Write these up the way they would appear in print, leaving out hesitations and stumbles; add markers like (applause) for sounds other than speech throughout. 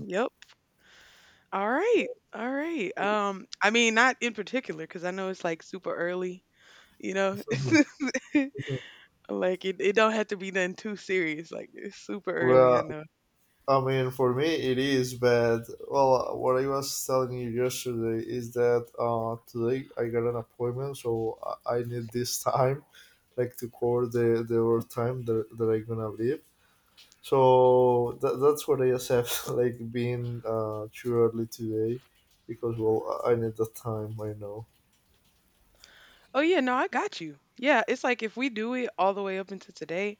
Yep. All right. All right. I mean, not in particular, because I know it's like super early. You know, (laughs) like it don't have to be nothing too serious. Like it's super early. I Well, know. I mean, for me it is, but well, what I was telling you yesterday is that today I got an appointment, so I need this (laughs) time, like to cover the overtime that I'm gonna leave. So that's what I accept, (laughs) like being too early today, because well, I need the time. I know. Oh yeah, no, I got you. Yeah, it's like if we do it all the way up until today,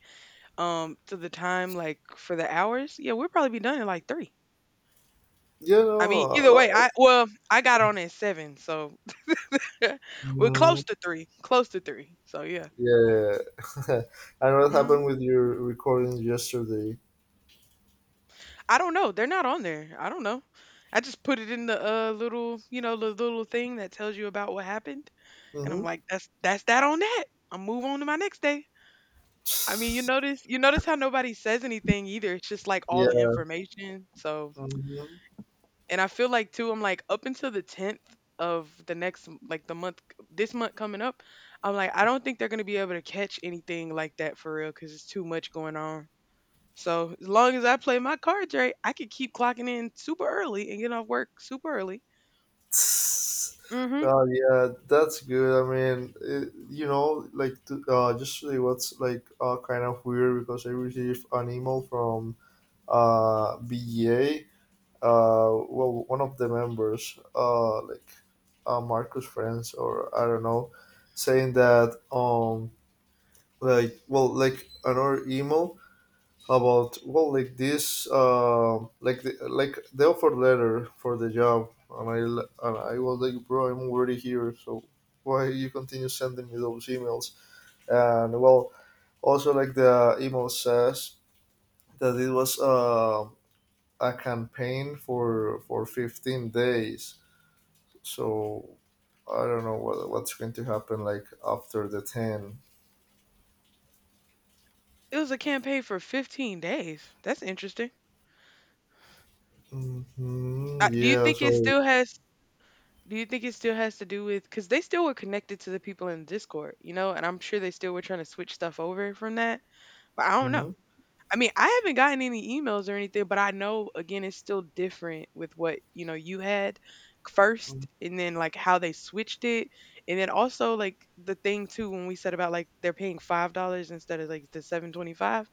to the time like for the hours, yeah, we'll probably be done in like three. Yeah, I no, mean, either way, I got on at seven, so (laughs) we're mm, close to three. Close to three. So yeah. yeah. (laughs) I know what happened Mm-hmm. with your recording yesterday. I don't know. They're not on there. I don't know. I just put it in the little, the little thing that tells you about what happened, and I'm Mm-hmm. like, that's that on that. I'll move on to my next day. I mean, you notice how nobody says anything either. It's just like all the information. So, Mhm. and I feel like too, I'm like up until the tenth of the next m- like the month, this month coming up, I'm like I don't think they're gonna be able to catch anything like that for real because it's too much going on. So as long as I play my cards right, I could keep clocking in super early and get off work super early. Hmm. God, yeah, that's good. I mean, it, like to, just really, what's like kind of weird because I received an email from B A, well, one of the members, like Marcus friends, or I don't know, saying that like well, like another email about well like this, like like the offer letter for the job. And and I was like, bro, I'm already here, so why you continue sending me those emails. And well, also like the email says that it was a campaign for 15 days, so I don't know what's going to happen like after the 10. It was a campaign for 15 days. That's interesting. Hmm. Uh, do you Yeah. think it So. still has? Do you think it still has to do with? Because they still were connected to the people in Discord, you know, and I'm sure they still were trying to switch stuff over from that. But I don't know. Hmm. I mean, I haven't gotten any emails or anything, but I know again it's still different with what, you know, you had first and then like how they switched it. And then also like the thing too when we said about like they're paying $5 instead of like the 7.25.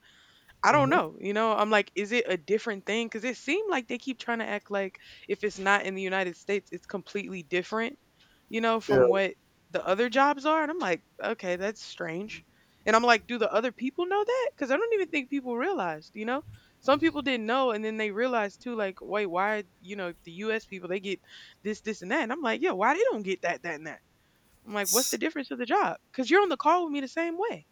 I don't Hmm. know. You know, I'm like, is it a different thing? Because it seemed like they keep trying to act like if it's not in the United States, it's completely different, you know, Yeah. from what the other jobs are. And I'm like, okay, that's strange. And I'm like, do the other people know that? Because I don't even think people realized, you know? Some people didn't know. And then they realized too, like, wait, why, you know, the US people, they get this, this, and that. And I'm like, yeah, why they don't get that, that, and that? I'm like, what's the difference of the job? Because you're on the call with me the same way.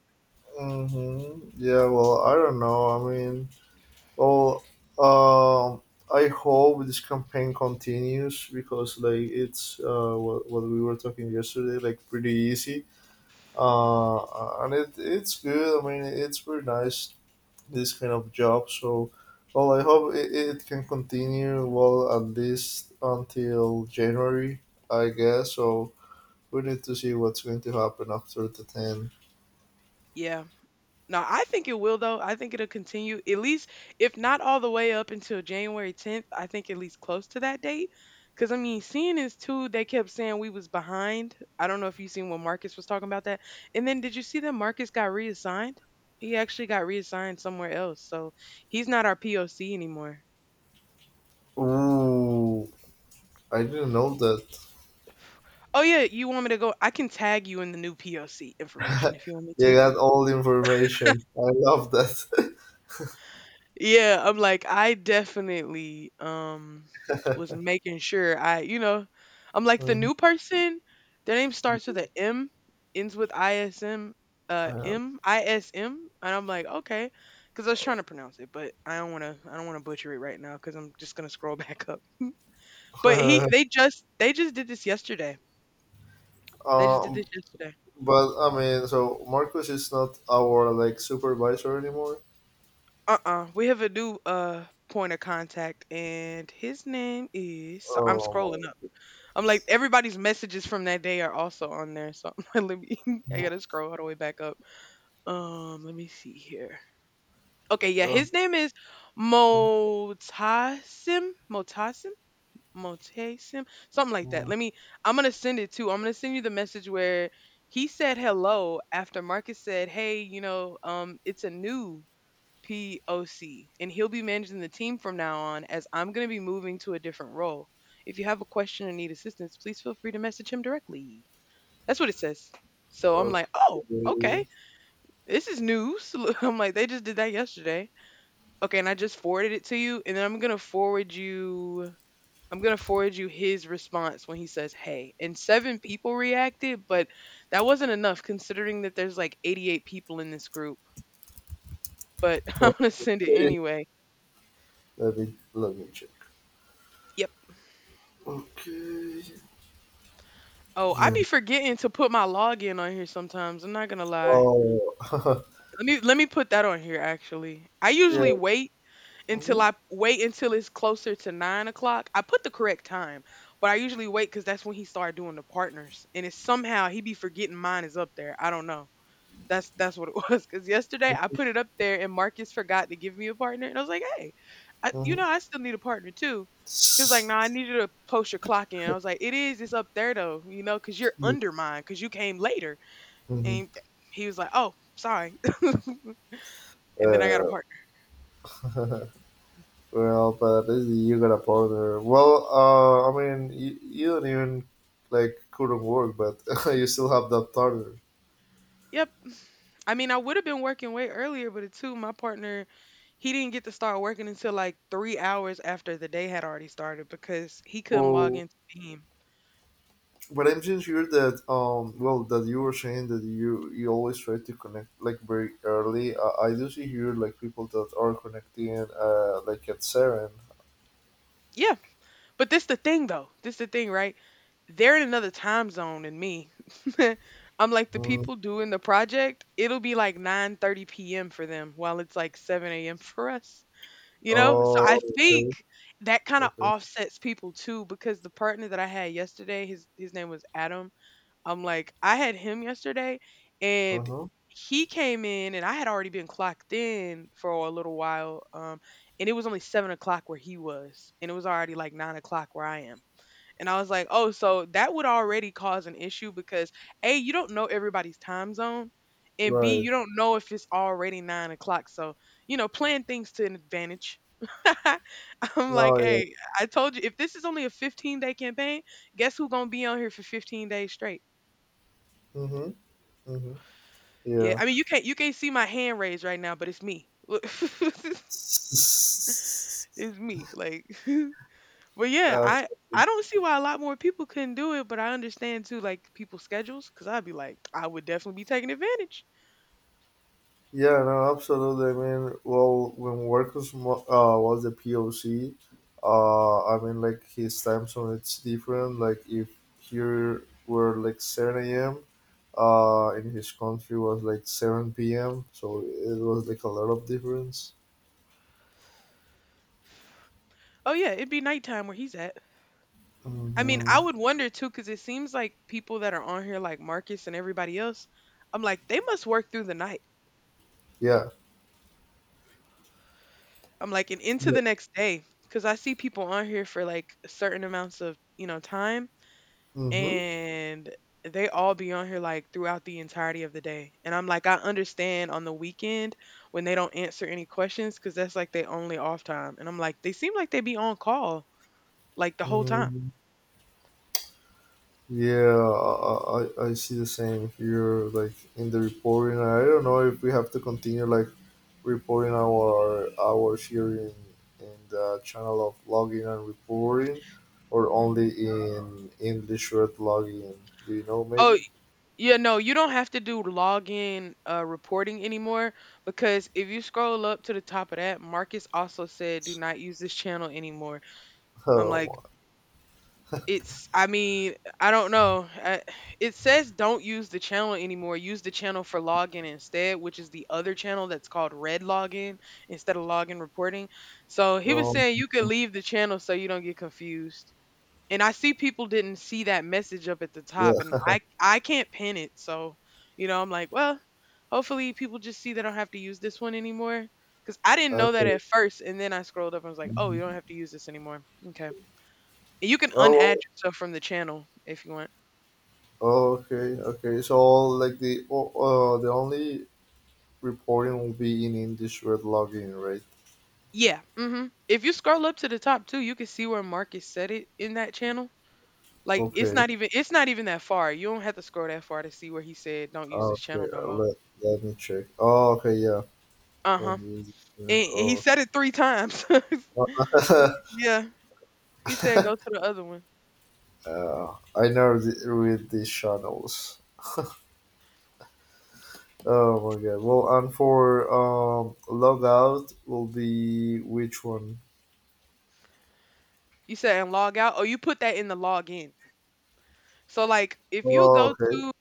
Mm-hmm. Yeah, well, I don't know. I mean, well, um, I hope this campaign continues because, like, it's what we were talking yesterday, like, pretty easy. And it's good. I mean, it's very nice, this kind of job. So, well, I hope it can continue, well, at least until January, I guess. So, we need to see what's going to happen after the 10. Yeah. No, I think it will though. I think it'll continue at least, if not all the way up until January 10th. I think at least close to that date. Cause I mean, seeing is too. They kept saying we was behind. I don't know if you seen when Marcus was talking about that. And then did you see that Marcus got reassigned? He actually got reassigned somewhere else, so he's not our POC anymore. Ooh, I didn't know that. (sighs) Oh yeah, you want me to go? I can tag you in the new POC information if you want me You to. got all the information. I love that. (laughs) Yeah, I'm like, I definitely was making sure I'm like the Mhm. new person, their name starts with a M, ends with ISM, Um, MISM, and I'm like, okay, because I was trying to pronounce it, but I don't want to butcher it right now because I'm just gonna scroll (laughs) back up. But (laughs) they just did this yesterday. They just did this um, yesterday. but I mean, so Marcus is not our like supervisor anymore. Uh-uh. We have a new point of contact, and his name is. So I'm Oh scrolling my up. I'm like goodness. everybody's messages from that day are also on there. So (laughs) let me, I Mhm. gotta scroll all the way back up. Let me see here. Okay, yeah, Oh, his name is mhm, Motasim. Motasim? Motasim? Something like that. mhm. Let me, I'm gonna send it too. I'm gonna send you the message where he said hello after Marcus said, hey, you know, it's a new POC, and he'll be managing the team from now on as I'm going to be moving to a different role. If you have a question or need assistance, please feel free to message him directly. That's what it says. So I'm like, oh, Okay. okay. This is news. (laughs) I'm like, they just did that yesterday. Okay, and I just forwarded it to you, and then I'm going to forward you. I'm going to forward you his response when he says, hey. And seven people reacted, but that wasn't enough considering that there's like 88 people in this group. But (laughs) I'm going to send it Okay. anyway. Let me check. Yep. Okay. Oh, I Yeah. be forgetting to put my login on here sometimes. I'm not gonna lie. Oh. (laughs) Let me put that on here actually. I usually Yeah. wait until Mm-hmm. I wait until it's closer to 9 o'clock. I put the correct time, but I usually wait because that's when he started doing the partners, and it's somehow he be forgetting mine is up there. I don't know. That's what it (laughs) was. Cause yesterday I put it up there and Marcus forgot to give me a partner. And I was like, hey, you Mm-hmm. know, I still need a partner too. He was like, no, I Mm-hmm. need you to post your clock in. I was like, it's up there though, you know, cause you're under mine, cause you came later. And he was like, oh, sorry. (laughs) And then I got a Mm-hmm. Partner. (laughs) Well, but this is you got a partner. Well, I mean, you don't even like couldn't work, but (laughs) you still have that partner. Yep. I mean, I would have been working way earlier, but it too, my partner, he didn't get to start working until like 3 hours after the day had already started because he couldn't log Well, into Beam. but I'm just sure that well, that you were saying that you always try to connect like very early. I do see here like people that are connecting like at seven. Yeah. But this the thing though. This the thing, right? They're in another time zone than me. (laughs) I'm like the Mm. people doing the project, it'll be like 9:30 p.m. for them while it's like 7 a.m. for us. You know? So I Oh, think okay, that kind of okay, offsets people too because the partner that I had yesterday, his name was Adam. I'm like, I had him yesterday uh and huh, he came in and I had already been clocked in for a little while. And it was only 7 o'clock where he was, and it was already like 9 o'clock where I am. And I was like, oh, so that would already cause an issue because A, you don't know everybody's time zone, and B, right. you don't know if it's already 9 o'clock. So, you know, plan things to an advantage. (laughs) I'm No, like, yeah. hey, I told you if this is only a 15-day campaign, guess who gonna be on here for 15 days straight? Mm-hmm. Mm-hmm. Yeah, Yeah. I mean, you can't see my hand raised right now, but it's me. (laughs) It's me. Like, but (laughs) yeah, Absolutely. I don't see why a lot more people couldn't do it, but I understand too, like people's schedules, because I'd be like, I would definitely be taking advantage. Yeah, no, absolutely. I mean, well, when Marcus was the POC, I mean, like his time zone, it's different. Like if here were like seven a.m., in his country was like seven p.m. So it was like a lot of difference. Oh yeah, it'd be nighttime where he's at. I mean, I Mm-hmm. would wonder too, because it seems like people that are on here, like Marcus and everybody else, I'm like, they must work through the night. Yeah. I'm like, and into Yeah. the next day, because I see people on here for like certain amounts of you know time, Mm-hmm. and they all be on here like throughout the entirety of the day. And I'm like, I understand on the weekend when they don't answer any questions because that's like they only off time. And I'm like, they seem like they be on call like the whole time. mm Yeah, I see the same here. Like in the reporting, I don't know if we have to continue like reporting our here in the channel of logging and reporting, or only in English word logging? Do you know Oh, maybe? yeah, no, you don't have to do login reporting anymore because if you scroll up to the top of that, Marcus also said, do (laughs) not use this channel anymore. I'm like, Oh, It's I mean, I don't know. It says don't use the channel anymore. Use the channel for login instead, which is the other channel that's called Red Login instead of login reporting. So he was um, saying you could leave the channel so you don't get confused. And I see people didn't see that message up at the top yeah, and I can't pin it. So, you know, I'm like, well, hopefully people just see they don't have to use this one anymore. Cause I didn't know that okay. at first, and then I scrolled up and was like, "Oh, you don't have to use this anymore." Okay. You can Oh, unadd yourself from the channel if you want. okay, okay. So like the only reporting will be in English word logging, right? Yeah, mhm. If you scroll up to the top too, you can see where Marcus said it in that channel. Like Okay, it's not even that far. You don't have to scroll that far to see where he said don't use this okay. channel no uh, more. Let, let me check. Oh, okay, yeah. Let Uh-huh. me use this. And he Oh. said it 3 times. (laughs) (laughs) Yeah. He said go to the other one. I never did read these channels. Oh my god. Well, and for logout will be which one? You said and log out. Oh, you put that in the log in. So like if you Oh, go okay, to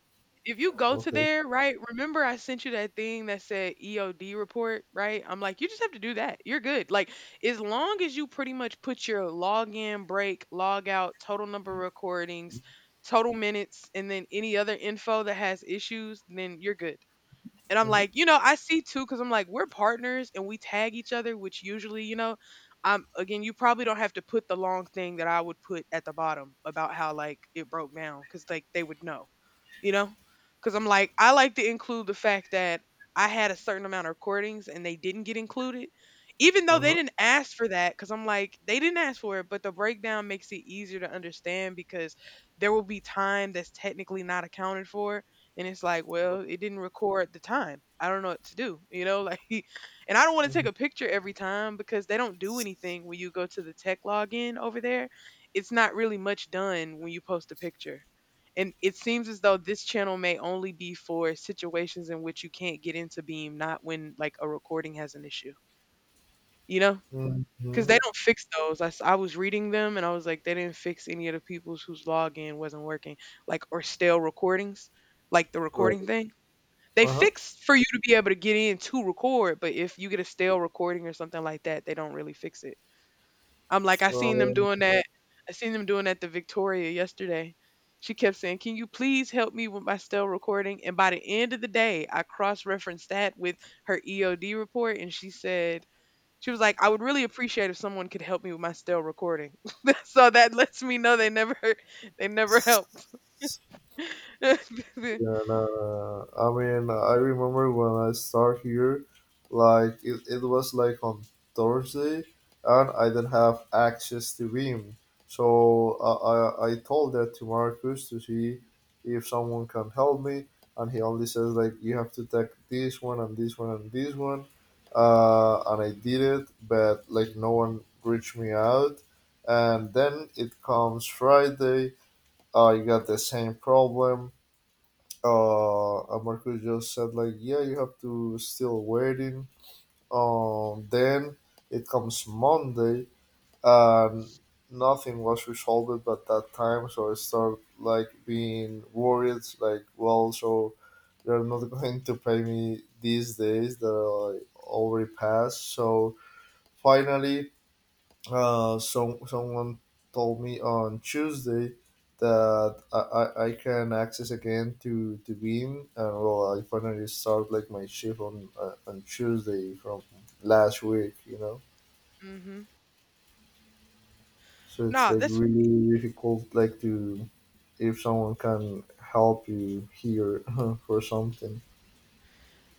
if you go to okay. there, right? Remember I sent you that thing that said EOD report, right? I'm like, you just have to do that. You're good. Like as long as you pretty much put your login, break, log out, total number of recordings, total minutes, and then any other info that has issues, then you're good. And I'm Mm-hmm. like, you know, I see too, because I'm like, we're partners and we tag each other, which usually, again, you probably don't have to put the long thing that I would put at the bottom about how like it broke down, because like they would know, you know, because I'm like, I like to include the fact that I had a certain amount of recordings and they didn't get included, even though Uh they huh. didn't ask for that, because I'm like, they didn't ask for it, but the breakdown makes it easier to understand because there will be time that's technically not accounted for and it's like, well, it didn't record the time. I don't know what to do, you know, like. (laughs) And I don't want to take a picture every time because they don't do anything when you go to the tech login over there. It's not really much done when you post a picture. And it seems as though this channel may only be for situations in which you can't get into Beam, not when like a recording has an issue, you know? Because Mm-hmm. they don't fix those. I was reading them and I was like, they didn't fix any of the people's whose login wasn't working, like, or stale recordings, like the recording Right. thing. They Uh fix for you to be able to get in to record, but if you get a stale recording or something like that, they don't really fix it. I'm like, I seen them huh. doing that. I seen them doing that to Victoria yesterday. She kept saying, "Can you please help me with my stale recording?" And by the end of the day, I cross-referenced that with her EOD report, and she said. She was like, I would really appreciate if someone could help me with my stale recording. (laughs) So that lets me know they never helped. (laughs) Yeah, no, no. No. I mean, I remember when I start here, like it was like on Thursday, and I didn't have access to Veeam, so I told that to Marcus to see if someone can help me, and he only says like you have to take this one, and this one, and this one, and I did it, but like no one reached me out, and then it comes Friday, I got the same problem. Marcus just said like yeah, you have to still waiting. Then it comes Monday and nothing was resolved at that time, so I start like being worried like well, so they're not (laughs) going to pay me these days that I already passed. So finally, so someone told me on Tuesday that I can access again to Beam, and well, I finally start like my shift on Tuesday from last week. You know, Hmm. so it's Nah, like that's really difficult, like to if someone can help you here (laughs) for something.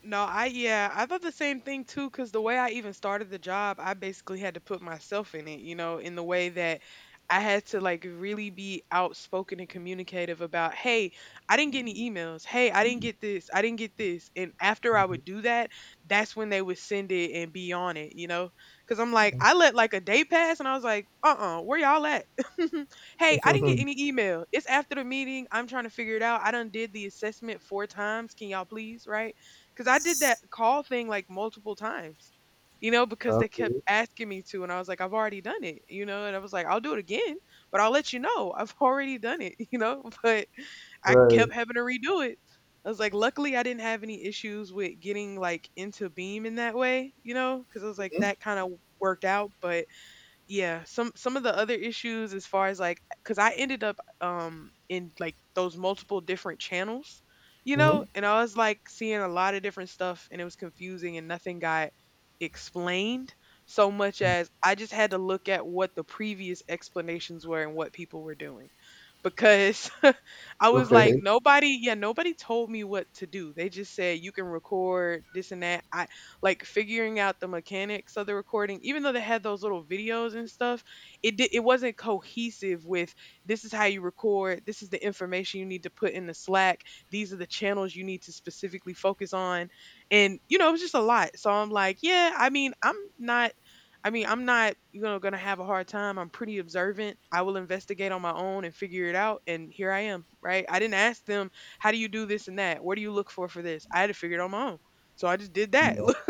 No, I yeah, I thought the same thing too cuz the way I even started the job, I basically had to put myself in it, you know, in the way that I had to like really be outspoken and communicative about, "Hey, I didn't get any emails. Hey, I didn't get this. I didn't get this." And after I Mhm. would do that, that's when they would send it and be on it, you know? Cuz I'm like, I let like a day pass and I was like, "Uh-uh, where y'all at?" (laughs) "Hey, I didn't get any (laughs) email. It's after the meeting. I'm trying to figure it out. I done did the assessment 4 times. Can y'all please, right?" Because I did that call thing like multiple times, you know, because they kept Okay, asking me to. And I was like, I've already done it, you know, and I was like, I'll do it again, but I'll let you know I've (laughs) already done it, (laughs) you know, but I kept right. having to redo it. I was like, luckily, I didn't have any issues with getting like into Beam in that way, you know, because I was like, that kind of worked out. But yeah, some of the other issues as far as like cuz I ended up in like those multiple different channels, you know, Hmm. and I was like seeing a lot of different stuff and it was confusing and nothing got explained so much as I just had to look at what the previous explanations were and what people were doing because (laughs) I was like Okay. nobody yeah, nobody told me what to do. They just said you can record this and that, like figuring out the mechanics of the recording even though they had those little videos and stuff. It wasn't cohesive with this is how you record, this is the information you need to put in the Slack, these are the channels you need to specifically focus on. And you know it was just a lot. So I'm like, yeah. I mean, I'm not, you know, gonna have a hard time. I'm pretty observant. I will investigate on my own and figure it out. And here I am, right? I didn't ask them, how do you do this and that? What do you look for this? I had to figure it on my own. So I just did that. Mm-hmm. (laughs)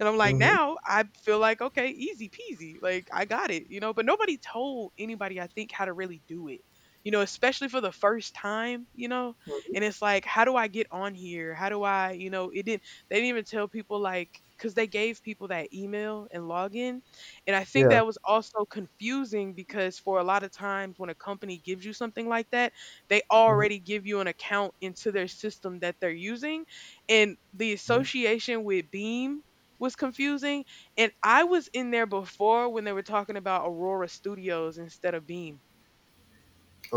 And I'm like, Mm-hmm. now I feel like, okay, easy peasy. Like I got it, you know, but nobody told anybody, I think, how to really do it, you know, especially for the first time, you know, and it's like, how do I get on here? How do I, you know, it didn't, they didn't even tell people like, cause they gave people that email and login. And I think Yeah. that was also confusing because for a lot of times when a company gives you something like that, they Mhm. already give you an account into their system that they're using, and the association with Beam was confusing. And I was in there before when they were talking about Aurora Studios instead of Beam.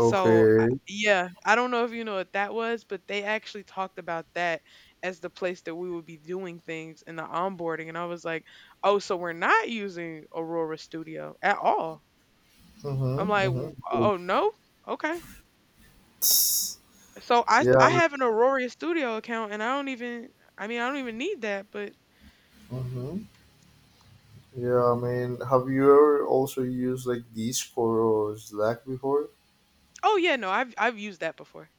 So I, yeah, I don't know if you know what that was, but they actually talked about that as the place that we would be doing things in the onboarding, and I was like, oh, so we're not using Aurora Studio at all. I'm Mm-hmm. like, "W- Mm-hmm. oh no, okay. It's- So I yeah. I have an Aurora Studio account, and I don't even. I mean, I don't even need that, but Mm-hmm. Yeah. I mean, have you ever also used like Discord or Slack before? Oh yeah, no, I've used that before.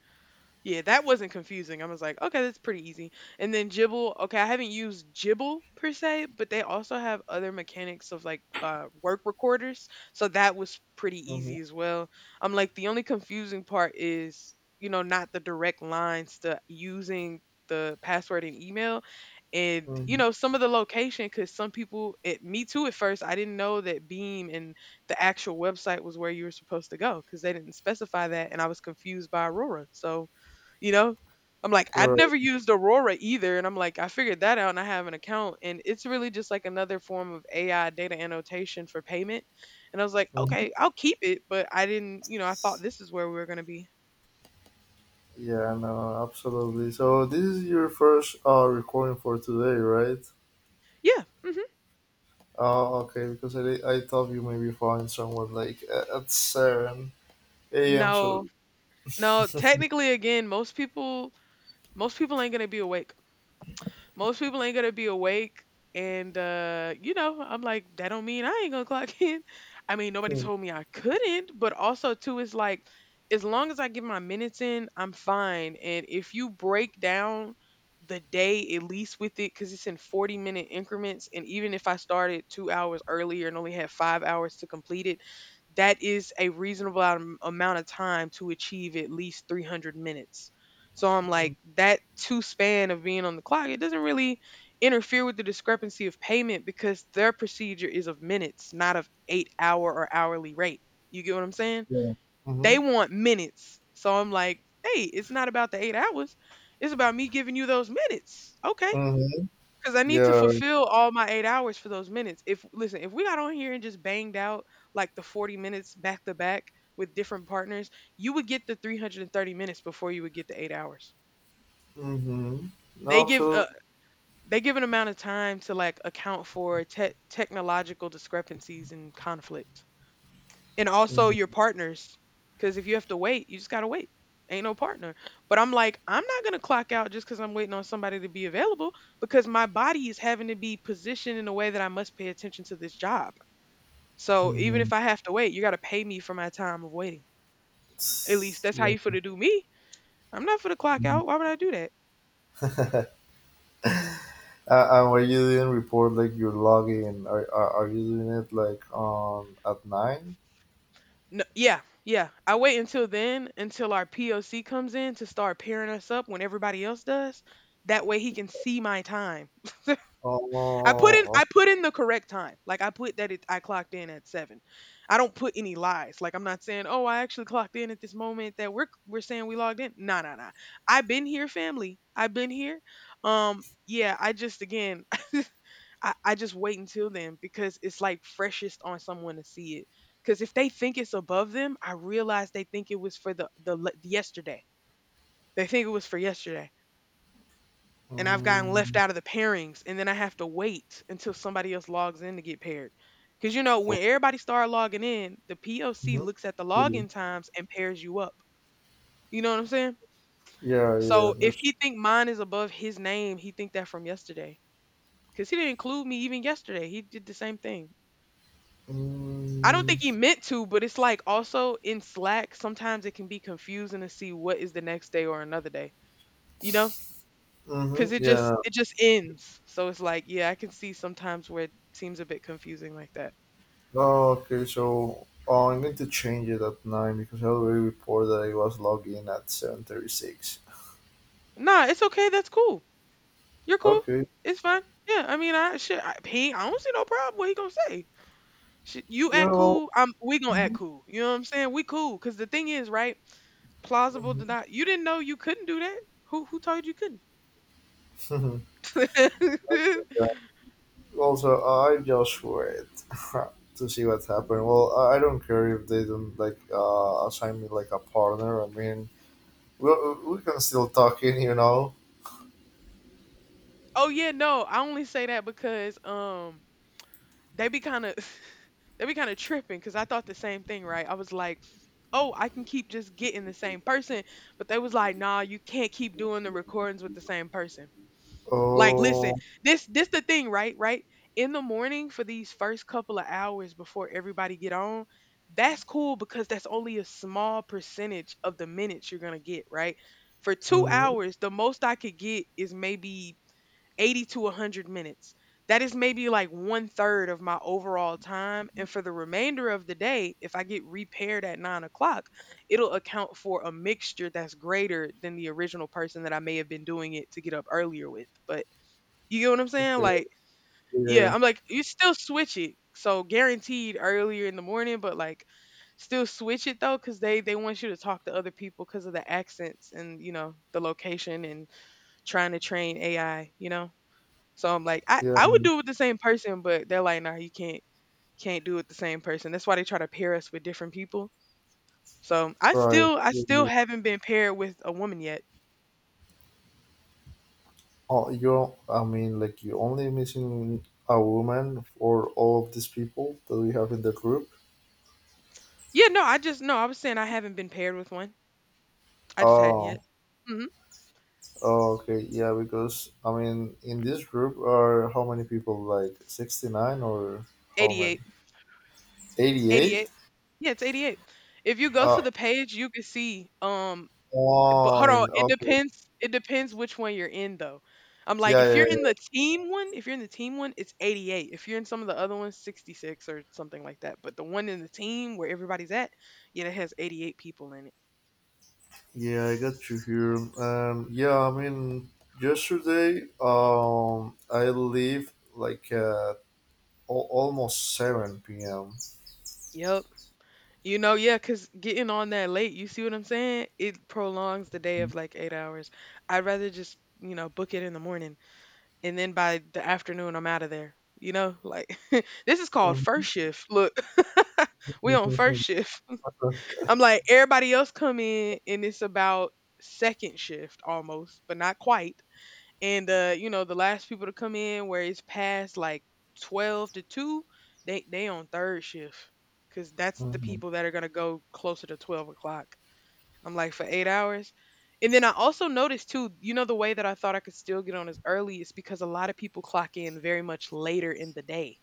Yeah, that wasn't confusing. I was like, okay, that's pretty easy. And then Jibble, okay, I haven't used Jibble per se, but they also have other mechanics of like work recorders. So that was pretty Mm-hmm. easy as well. I'm like, the only confusing part is, you know, not the direct lines to using the password and email. And, you Mm-hmm. know, some of the location, because some people, it, me too, at first, I didn't know that Beam and the actual website was where you were supposed to go because they didn't specify that. And I was confused by Aurora. So, you know, I'm like, I'd Right. never used Aurora either, and I'm like I figured that out and I have an account and it's really just like another form of AI data annotation for payment. And I was like, Mm-hmm. okay, I'll keep it, but I didn't, you know, I thought this is where we were going to be. Yeah, no, absolutely. So this is your first recording for today, right? Yeah. Hmm. Oh, okay. Because I thought you maybe find someone like at seven a.m. So. No, no, technically again, most people ain't going to be awake. Most people ain't gonna be awake. And you know, I'm like, that don't mean I ain't gonna clock (laughs) in. I mean, nobody Mm, told me I couldn't, but also too it's like as long as I get my minutes in, I'm fine. And if you break down the day at least with it, because it's in 40-minute increments, and even if I started 2 hours earlier and only had 5 hours to complete it, that is a reasonable amount of time to achieve at least 300 minutes. So I'm like, that two span of being on the clock, it doesn't really interfere with the discrepancy of payment because their procedure is of minutes, not of 8 hour or hourly rate. You get what I'm saying? yeah. Mm-hmm. They want minutes. So I'm like, hey, it's not about the 8 hours. It's about me giving you those minutes. Okay. Mm-hmm. Because I need to Yeah. fulfill all my 8 hours for those minutes. If, listen, if we got on here and just banged out like the 40 minutes back to back with different partners, you would get the 330 minutes before you would get the 8 hours. Mm-hmm. No, They give a absolutely. they give an amount of time to like account for technological discrepancies and conflict, and also your Mm-hmm. partners. Because if you have to wait, you just gotta wait. Ain't no partner. But I'm like, I'm not gonna clock out just because I'm waiting on somebody to be available because my body is having to be positioned in a way that I must pay attention to this job. So even Mm-hmm. if I have to wait, you gotta pay me for my time of waiting. At least that's how Yeah. you for to do me. I'm not for the clock out. Why would (laughs) I do that? uh, and why you didn't report like your login? Are you doing it like on at nine? No, yeah, yeah. I wait until then, until our POC comes in to start pairing us up when everybody else does. That way he can see my time. I put in I Oh. put in the correct time. Like I put that it I clocked in at 7. I don't put any lies. Like I'm not saying, "Oh, I actually clocked in at this moment that we're saying we logged in." Nah, nah, nah. I've been here, family. I've been here. Yeah, I just again, I just wait until then because it's like freshest on someone to see it. Because if they think it's above them, I realize they think it was for yesterday. They think it was for yesterday. And I've gotten left Mm. out of the pairings. And then I have to wait until somebody else logs in to get paired. Because, you know, So. when everybody start logging in, the POC Mhm. looks at the Yeah, login times and pairs you up. You know what I'm saying? yeah, yeah. So if There's. he think mine is above his name, he think that from yesterday. Because he didn't include me even yesterday. He did the same thing. I don't Mm. think he meant to, but it's like also in Slack, sometimes it can be confusing to see what is the next day or another day, you know? Hmm. Because it just Yeah. it just ends. So it's like, yeah, I can see sometimes where it seems a bit confusing like that. Oh, okay. So, oh, I'm going to change it at nine because I already reported that I was logged in at 7:36. Nah, it's okay. That's cool. You're cool. Okay. It's fine. Yeah, I mean, I shit. I don't see no problem. What he gonna say? Shit, you Yeah. act Well. cool. I'm. We gonna act cool. You know what I'm saying? We cool. Cause the thing is, right? Plausible deny. You didn't know you couldn't do that. Who told you couldn't? Mhm. (laughs) (laughs) Also, I just wait (laughs) to see what happens. Well, I don't care if they don't like assign me like a partner. I mean, we we can still talk in. Oh yeah, no, I only say that because they be kind of (laughs) they be kind of tripping because I thought the same thing, right? I was like, oh, I can keep just getting the same person, but they was like, nah, you can't keep doing the recordings with the same person. Like, listen, Oh, this the thing, right? Right in the morning for these first couple of hours before everybody get on. That's cool because that's only a small percentage of the minutes you're gonna get, right? For two mhm, hours, the most I could get is maybe 80 to 100 minutes. That is maybe like one third of my overall time. And for the remainder of the day, if I get repaired at 9 o'clock, it'll account for a mixture that's greater than the original person that I may have been doing it to get up earlier with. But you get what I'm saying? okay, Like, yeah, yeah, I'm like, you still switch it. So guaranteed earlier in the morning, but like still switch it though, because they want you to talk to other people because of the accents and, you know, the location and trying to train AI, you know? So I'm like, I, yeah, I would do it with the same person, but they're like, nah, you can't do it with the same person. That's why they try to pair us with different people. So I right. still I Yeah, still yeah. haven't been paired with a woman yet. Oh, you're. I mean, like you're only missing a woman for all of these people that we have in the group. Yeah, no, I just no, I was saying I haven't been paired with one. I just hadn't yet. Oh, Mm-hmm. oh, okay, yeah. Because I mean, in this group are how many people? Like 69, or how many? 88. 88? 88. Yeah, it's 88. If you go to Uh, the page, you can see But oh. hold on, In. it Okay. depends. It depends which one you're in though. I'm like, Yeah, if yeah, you're in the yeah. team one, if you're in the team one, it's 88. If you're in some of the other ones, 66 or something like that. But the one in the team where everybody's at, yeah, it has 88 people in it. Yeah, I got you here. Yeah, I mean, yesterday, I leave like at al almost 7 p.m. Yep. You know, yeah, because getting on that late, you see what I'm saying? It prolongs the day of like 8 hours. I'd rather just, you know, book it in the morning and then by the afternoon, I'm out of there. You know, like (laughs) this is called first shift. Look, (laughs) we on first Mhm. shift. I'm like, everybody else come in and it's about second shift almost, but not quite. And you know, the last people to come in where it's past like 12 to two, they on third shift. Cause that's the people that are gonna go closer to 12 o'clock. I'm like for 8 hours. And then I also noticed too, you know, the way that I thought I could still get on as early is because a lot of people clock in very much later in the day.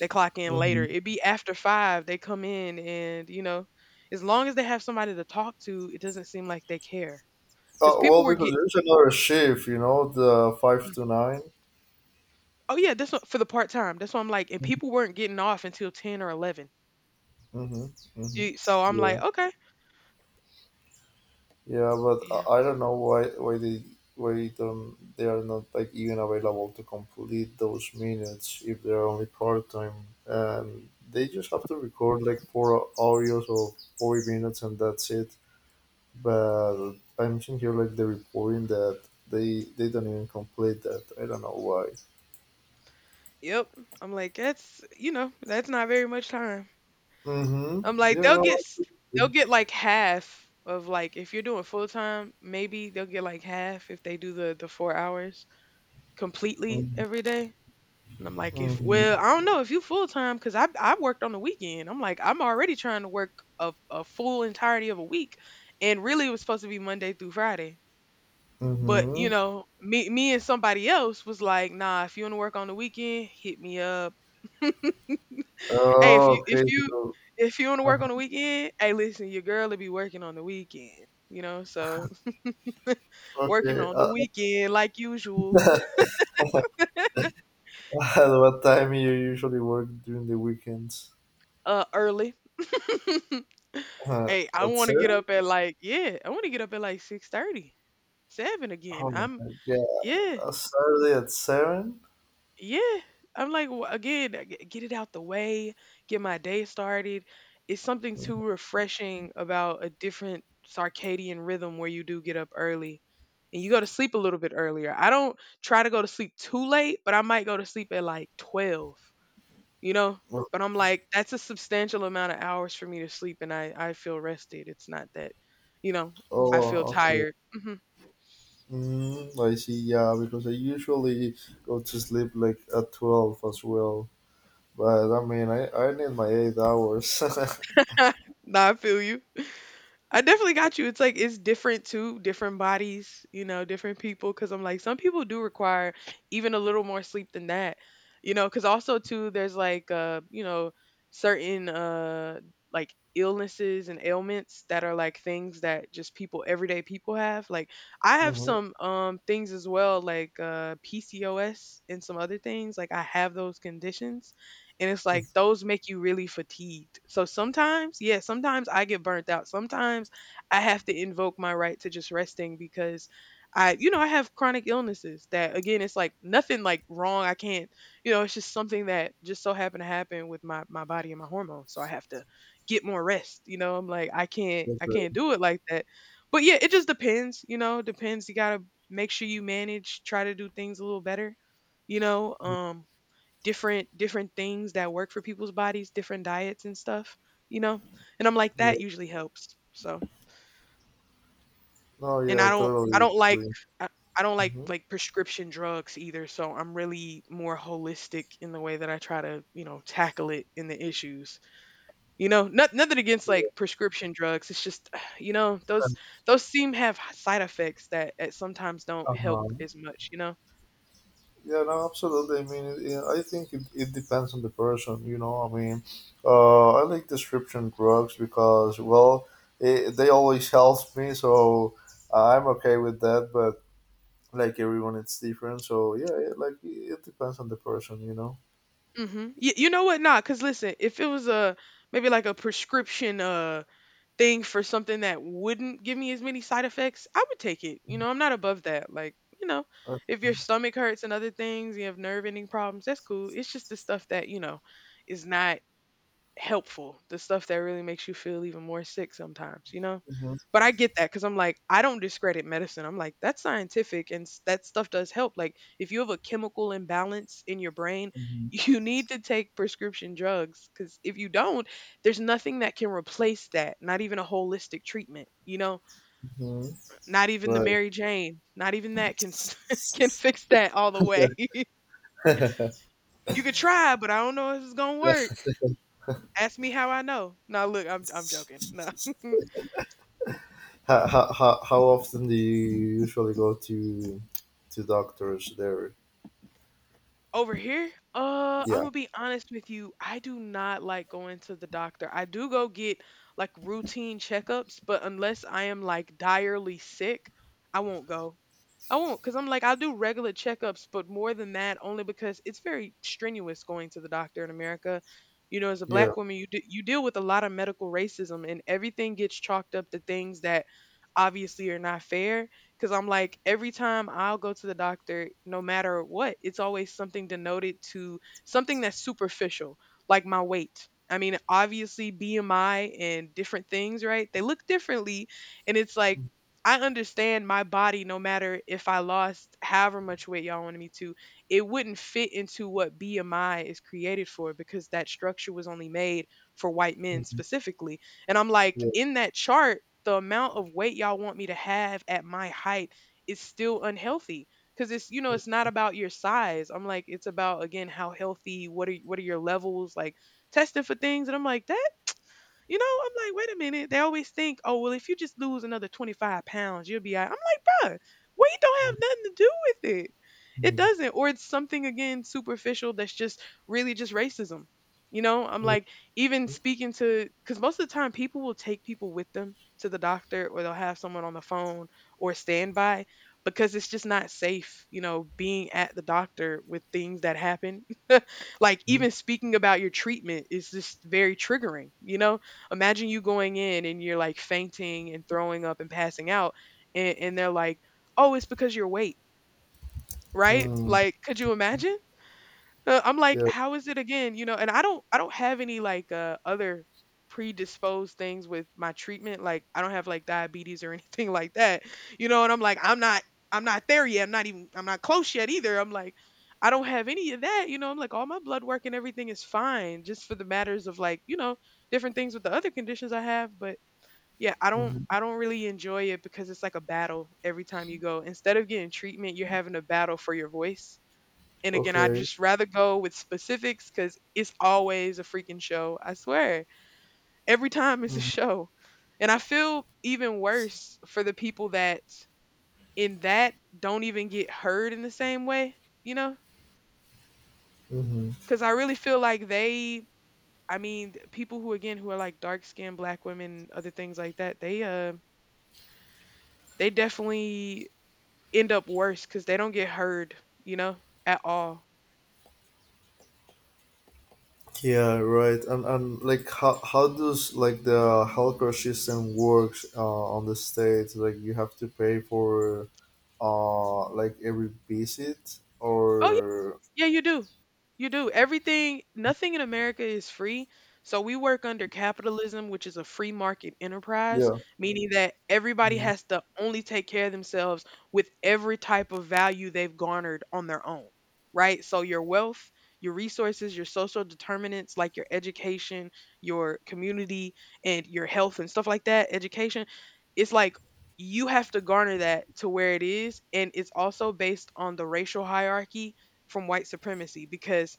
They clock in later. Mhm. It be after five. They come in, and you know, as long as they have somebody to talk to, it doesn't seem like they care. Because Uh, people well, were because get. there's another shift, you know, the 5 Mm. to 9. Oh yeah, that's what, for the part time. That's what I'm like, and Mm-hmm. people weren't getting off until 10 or 11. Mm-hmm. Mm-hmm. So I'm like, Yeah. okay, Yeah, but I yeah, I don't know why they why don't they are not like even available to complete those minutes if they're only part time. They just have to record like four audios of 40 minutes and that's it. But I'm seeing here like the reporting that they don't even complete that. I don't know why. yep. I'm like, that's you know, that's not very much time. Mm-hmm. I'm like, Yeah. No. They'll get like half of like if you're doing full time, maybe they'll get like half if they do the 4 hours completely Mm-hmm. every day. And I'm like, if Mm-hmm. well, I don't know if you full time because I worked on the weekend. I'm like, I'm already trying to work a full entirety of a week, and really it was supposed to be Monday through Friday. But you Mm-hmm. know, me and somebody else was like, nah, if you want to work on the weekend, hit me up. Hey, if you Oh, if okay. you So, if you want to work uh, on the weekend, hey, listen, your girl will be working on the weekend. You know, so (laughs) working okay. on the weekend like usual, (laughs) At what time you usually work during the weekends? Early. (laughs) Uh, Hey, I at want to get seven? up at like I want to get up at like 6:30. 7 again. Oh my I'm god! Yeah. yeah, A Saturday at seven? yeah. I'm like Again, get it out the way, get my day started. It's something too refreshing about a different circadian rhythm where you do get up early and you go to sleep a little bit earlier. I don't try to go to sleep too late, but I might go to sleep at like 12, you know? But I'm like that's a substantial amount of hours for me to sleep and I feel rested. It's not that, you know, I Oh, feel okay. tired. Mhm. Mm, I see. Yeah, because I usually go to sleep like at 12 as well. But I mean, I need my 8 hours. (laughs) (laughs) Nah, I feel you. I definitely got you. It's like it's different too, different bodies, you know, different people. Cause I'm like, some people do require even a little more sleep than that, you know. Cause also too, there's like, you know, certain like illnesses and ailments that are like things that just people, everyday people have. Like I have Mhm. some things as well, like PCOS and some other things. Like I have those conditions and it's like those make you really fatigued. So sometimes, yeah, sometimes I get burnt out. Sometimes I have to invoke my right to just resting because I, you know, I have chronic illnesses that again, it's like nothing like wrong. I can't, you know, it's just something that just so happened to happen with my my body and my hormones. So I have to get more rest. You know, I'm like I can't Okay. do it like that. But yeah, it just depends, you know, depends. You got to make sure you manage, try to do things a little better, you know. Different things that work for people's bodies, different diets and stuff, you know? And I'm like Yeah. that usually helps. So, No. and Yeah. Totally agree. I, I don't like Hmm. Prescription drugs either, so I'm really more holistic in the way that I try to, you know, tackle it in the issues. You know, nothing against Yeah. like prescription drugs. It's just, (sighs) you know, (laughs) those seem have side effects that sometimes don't help Uh-huh. as much, you know? Yeah, no, absolutely. I mean, I think it depends on the person, you know. I mean, I like prescription drugs because, well, they always help me, so I'm okay with that. But like everyone, it's different. So yeah, it depends on the person, you know. Mm-hmm. You know what? Nah, cause listen, if it was a maybe like a prescription, thing for something that wouldn't give me as many side effects, I would take it. You know, I'm not above that. Like, you know, Uh, if your stomach hurts and other things, you have nerve ending problems, that's cool. It's just the stuff that, you know, is not helpful, the stuff that really makes you feel even more sick sometimes, you know? mhm, But I get that because I'm like, I don't discredit medicine. I'm like, that's scientific and that stuff does help. Like, if you have a chemical imbalance in your brain, (laughs) mhm, you need to take prescription drugs because if you don't, there's nothing that can replace that, not even a holistic treatment, you know? mhm. Not even the Right. Mary Jane, not even that can, (laughs) can fix that all the way. (laughs) You (laughs) could try, but I don't know if it's going to work. Ask me how I know. No, look, I'm joking. No. How often do you usually go to doctors there? Over here, I'm Yeah. gonna be honest with you. I do not like going to the doctor. I do go get like routine checkups, but unless I am like direly sick, I won't go. I won't because I'm like, I'll do regular checkups, but more than that, only because it's very strenuous going to the doctor in America. You know, as a Yeah. black woman, you, you deal with a lot of medical racism, and everything gets chalked up to things that obviously are not fair. Because I'm like, every time I'll go to the doctor, no matter what, it's always something denoted to something that's superficial, like my weight. I mean, obviously, BMI and different things, right? They look differently. And it's like, I understand my body, no matter if I lost however much weight y'all wanted me to, it wouldn't fit into what BMI is created for because that structure was only made for white men Mhm. specifically. And I'm like, Yeah. in that chart, the amount of weight y'all want me to have at my height is still unhealthy because it's it's not about your size. I'm like, it's about again how healthy. What are your levels like? Testing for things, and I'm like that you know, I'm like, wait a minute. They always think, oh, well, if you just lose another 25 pounds, you'll be all right. I'm like, bruh, weight don't have Mhm. nothing to do with it. It doesn't. Or it's something, again, superficial that's just really just racism. You know, I'm Mhm. like, even speaking to, because most of the time people will take people with them to the doctor or they'll have someone on the phone or standby because it's just not safe, you know, being at the doctor with things that happen. (laughs) Like even speaking about your treatment is just very triggering, you know? Imagine you going in and you're like fainting and throwing up and passing out, and they're like, "Oh, it's because your weight, right?" Mhm. Like, could you imagine? I'm like, Yeah. how is it again? You know, and I don't have any like other predisposed things with my treatment. Like, I don't have like diabetes or (laughs) anything like that. You know, and I'm like, I'm not there yet. I'm not close yet either. I'm like, I don't have any of that. You know, I'm like, all my blood work and everything is fine, just for the matters of like, you know, different things with the other conditions I have, but yeah, I don't Mhm. I don't really enjoy it because it's like a battle every time you go. Instead of getting treatment, you're having a battle for your voice. And again, I'd Okay. just rather go with specifics because it's always a freaking show. I swear. Every time it's a (laughs) Mhm. show. And I feel even worse for the people that in that don't even get heard in the same way, you know? Mm-hmm. Because I really feel like they, I mean, people who, again, who are like dark skinned black women, other things like that, they definitely end up worse because they don't get heard, you know, at all. Yeah, right. And like how does like the healthcare system works on the states? Like you have to pay for like every visit, Oh, or yeah, you do. You do. Everything, nothing in America is free. So we work under capitalism, which is a free market enterprise, yeah. meaning that everybody Mm-hmm. has to only take care of themselves with every type of value they've garnered on their own, right? So your wealth, your resources, your social determinants like your education, your community, and your health and stuff like that, education, it's like you have to garner that to where it is. And it's also based on the racial hierarchy from white supremacy because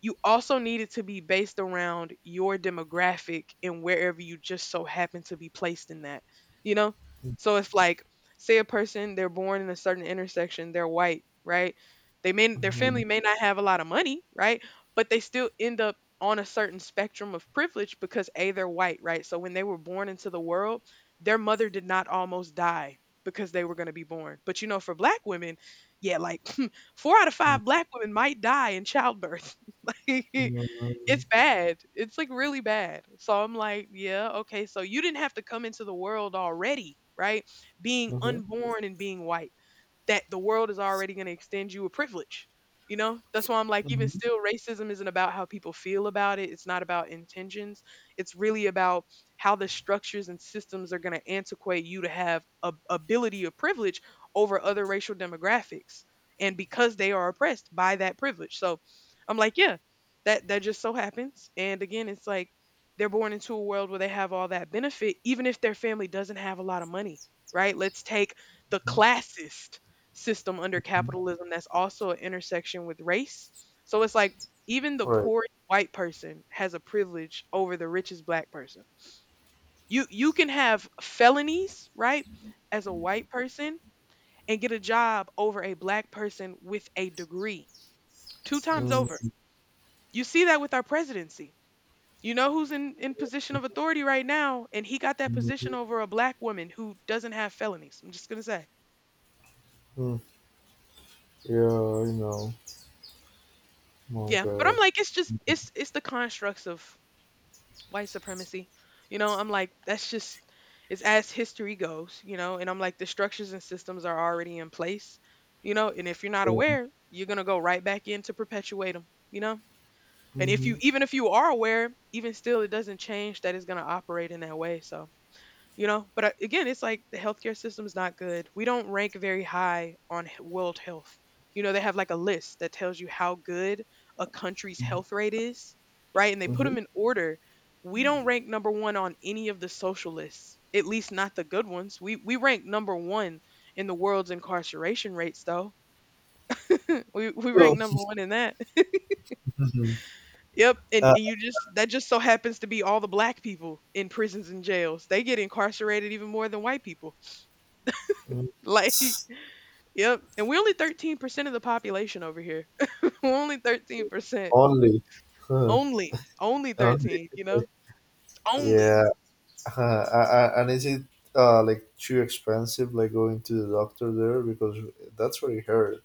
you also need it to be based around your demographic and wherever you just so happen to be placed in that, you know? So if like say a person they're born in a certain intersection, they're white, right? They may their Mm-hmm. family may not have a lot of money, right? But they still end up on a certain spectrum of privilege because A, they're white, right? So when they were born into the world, their mother did not almost die because they were going to be born. But you know, for black women, yeah, like 4 out of 5 black women might die in childbirth. (laughs) Like, Mm-hmm. it's bad. It's like really bad. So I'm like, yeah, okay. So you didn't have to come into the world already, right? Being unborn and being white that the world is already going to extend you a privilege. You know, that's why I'm like, even Mm-hmm. still, racism isn't about how people feel about it. It's not about intentions. It's really about how the structures and systems are going to antiquate you to have a ability of privilege over other racial demographics, and because they are oppressed by that privilege. So, I'm like, yeah, that just so happens. And again, it's like they're born into a world where they have all that benefit, even if their family doesn't have a lot of money, right? Let's take the classist system under capitalism that's also an intersection with race. So it's like even the Right. poorest white person has a privilege over the richest black person. You can have felonies, right, as a white person and get a job over a black person with a degree. Two times over. You see that with our presidency. You know who's in position of authority right now, and he got that Mm-hmm. position over a black woman who doesn't have felonies. I'm just gonna say. Yeah, I know. My Yeah. But I'm God. like, it's just it's the constructs of white supremacy. You know, I'm like, that's just, it's as history goes, you know, and I'm like, the structures and systems are already in place, you know, and if you're not Yeah. aware, you're going to go right back in to perpetuate them, you know? And if you, Mm-hmm. even if you are aware, even still, it doesn't change that it's going to operate in that way. So, you know, but again it's like the healthcare system's not good. We don't rank very high on world health. You know, they have like a list that tells you how good a country's health rate is, right, and they put Mm-hmm. them in order. We don't rank number one on any of the social lists, at least not the good ones. We rank number one in the world's incarceration rates though. (laughs) We rank Well, number one in that. (laughs) mhm, Yep, and, uh, and you just that just so happens to be all the black people in prisons and jails. They get incarcerated even more than white people. (laughs) mm, Like yep. And we're only 13% of the population over here. (laughs) We're only 13%. only, huh, Only. Only only. 13, you know? Only. Yeah. (laughs) And is it like too expensive, like going to the doctor there, because that's what I heard.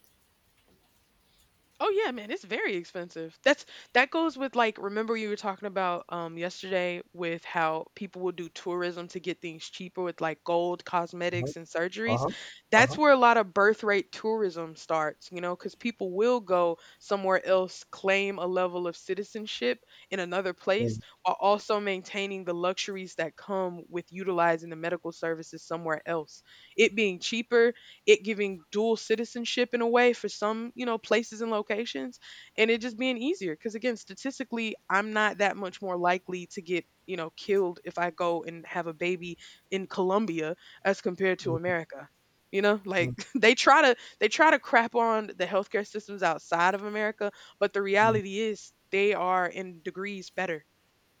Oh yeah, man, it's very expensive. That's that goes with like remember you were talking about yesterday with how people will do tourism to get things cheaper with like gold, cosmetics and Uh surgeries. huh. Uh That's huh. where a lot of birth rate tourism starts, you know, cuz people will go somewhere else claim a level of citizenship in another place Mm. while also maintaining the luxuries that come with utilizing the medical services somewhere else. It being cheaper, it giving dual citizenship in a way for some, you know, places and locations, and it just being easier. Because again, statistically, I'm not that much more likely to get, you know, killed if I go and have a baby in Colombia as compared to Mm. America. You know, like Mm. (laughs) they try to crap on the healthcare systems outside of America, but the reality is they are in degrees better.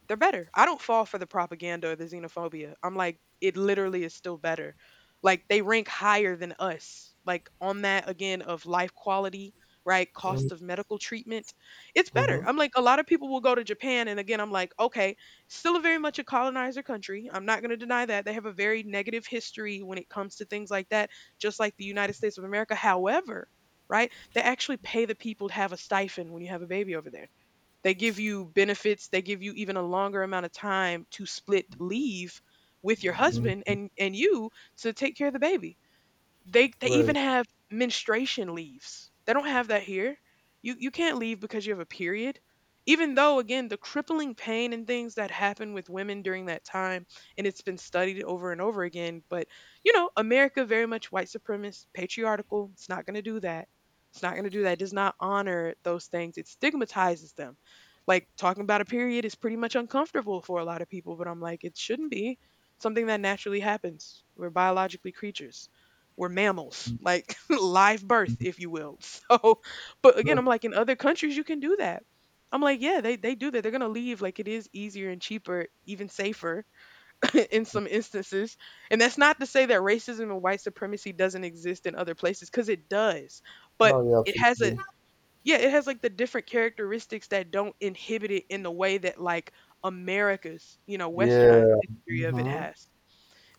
They're better. I don't fall for the propaganda or the xenophobia. I'm like, it literally is still better. Like they rank higher than us. Like on that again of life quality, right? Mm. Cost of medical treatment. It's better. Mm-hmm. I'm like, a lot of people will go to Japan and again I'm like, okay, still a very much a colonizer country. I'm not gonna deny that. They have a very negative history when it comes to things like that, just like the United States of America. However, right? They actually pay the people to have a stipend when you have a baby over there. They give you benefits, they give you even a longer amount of time to split leave with your Mm. husband and you to take care of the baby. They even Right. have menstruation leaves. They don't have that here. You can't leave because you have a period. Even though again the crippling pain and things that happen with women during that time and it's been studied over and over again, but you know, America very much white supremacist, patriarchal. It's not going to do that. It's not going to do that. It does not honor those things. It stigmatizes them. Like talking about a period is pretty much uncomfortable for a lot of people, but I'm like it shouldn't be something that naturally happens. We're biologically creatures. We're mammals, like (laughs) live birth, if you will. (laughs) So, but again, Mm. I'm (laughs) like, in other countries, you can do that. I'm like, yeah, they do that. They're going to leave. Like, it is easier and cheaper, even safer (laughs) in some instances. And that's not to say that racism and white supremacy doesn't exist in other places, because it does. But No, yeah, it has a, absolutely. yeah, it has like the different characteristics that don't inhibit it in the way that like America's, you know, westernized Yeah. history of it Mm-hmm. has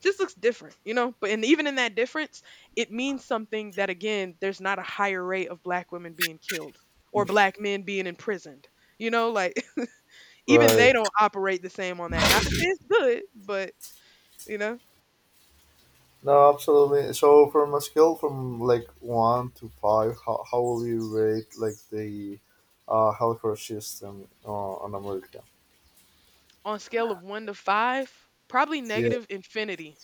just looks different, you know? But and even in that difference, it means something that again, there's not a higher rate of black women being killed or black men being imprisoned. You know, like (laughs) even Right. they don't operate the same on that. Not to say it's good, but you know, No, absolutely. So, from a scale from like one to five, how will you rate like the healthcare system on America? on a scale of one to five, probably Yeah. negative infinity.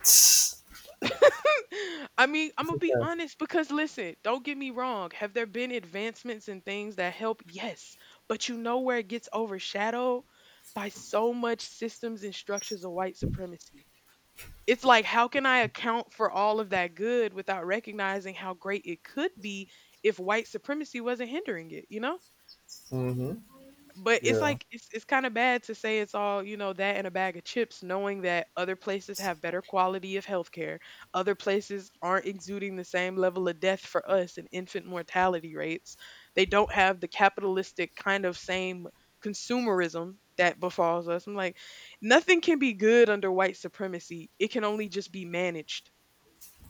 Yes. (laughs) I mean, I'm gonna be honest because listen, don't get me wrong. Have there been advancements and things that help? Yes, but you know where it gets overshadowed by so much systems and structures of white supremacy. It's like, how can I account for all of that good without recognizing how great it could be if white supremacy wasn't hindering it, you know? Mm-hmm. But it's Yeah. like it's kind of bad to say it's all, you know, that and a bag of chips, knowing that other places have better quality of healthcare. Other places aren't exuding the same level of death for us and infant mortality rates. They don't have the capitalistic kind of same consumerism that befalls us. I'm like, nothing can be good under white supremacy. It can only just be managed.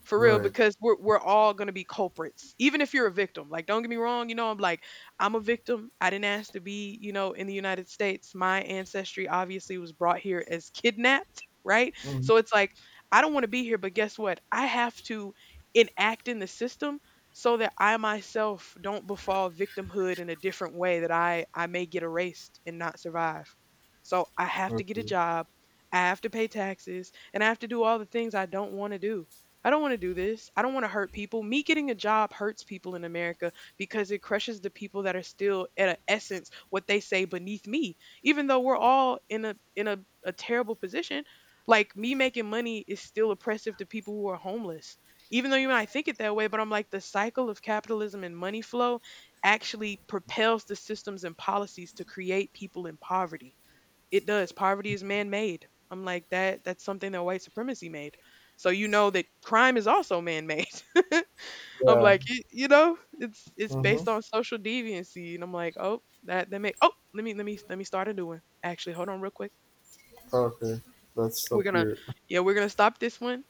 For real, Right. because we're all gonna be culprits, even if you're a victim. Like, don't get me wrong, you know, I'm like, I'm a victim. I didn't ask to be, you know, in the United States. My ancestry obviously was brought here as kidnapped, (laughs) right? Mm-hmm. So it's like, I don't want to be here, but guess what? I have to enact in the system so that I myself don't befall victimhood in a different way that I may get erased and not survive. So I have to get a Okay. job, I have to pay taxes, and I have to do all the things I don't want to do this. I don't want to hurt people. Me getting a job hurts people in America because it crushes the people that are still at an essence what they say beneath me. Even though we're all in a terrible position, like me making money is still oppressive to people who are homeless. Even though you might think it that way, but I'm like the cycle of capitalism and money flow actually propels the systems and policies to create people in poverty. It does. Poverty is man-made. I'm like that's something that white supremacy made. So you know that crime is also man-made. (laughs) I'm Yeah. like, you know, it's Mm-hmm. based on social deviancy and I'm like, "Oh, that that make Oh, let me start a new one." Actually, hold on real quick. Okay. Let's We're stop going to here. Yeah, we're going to stop this one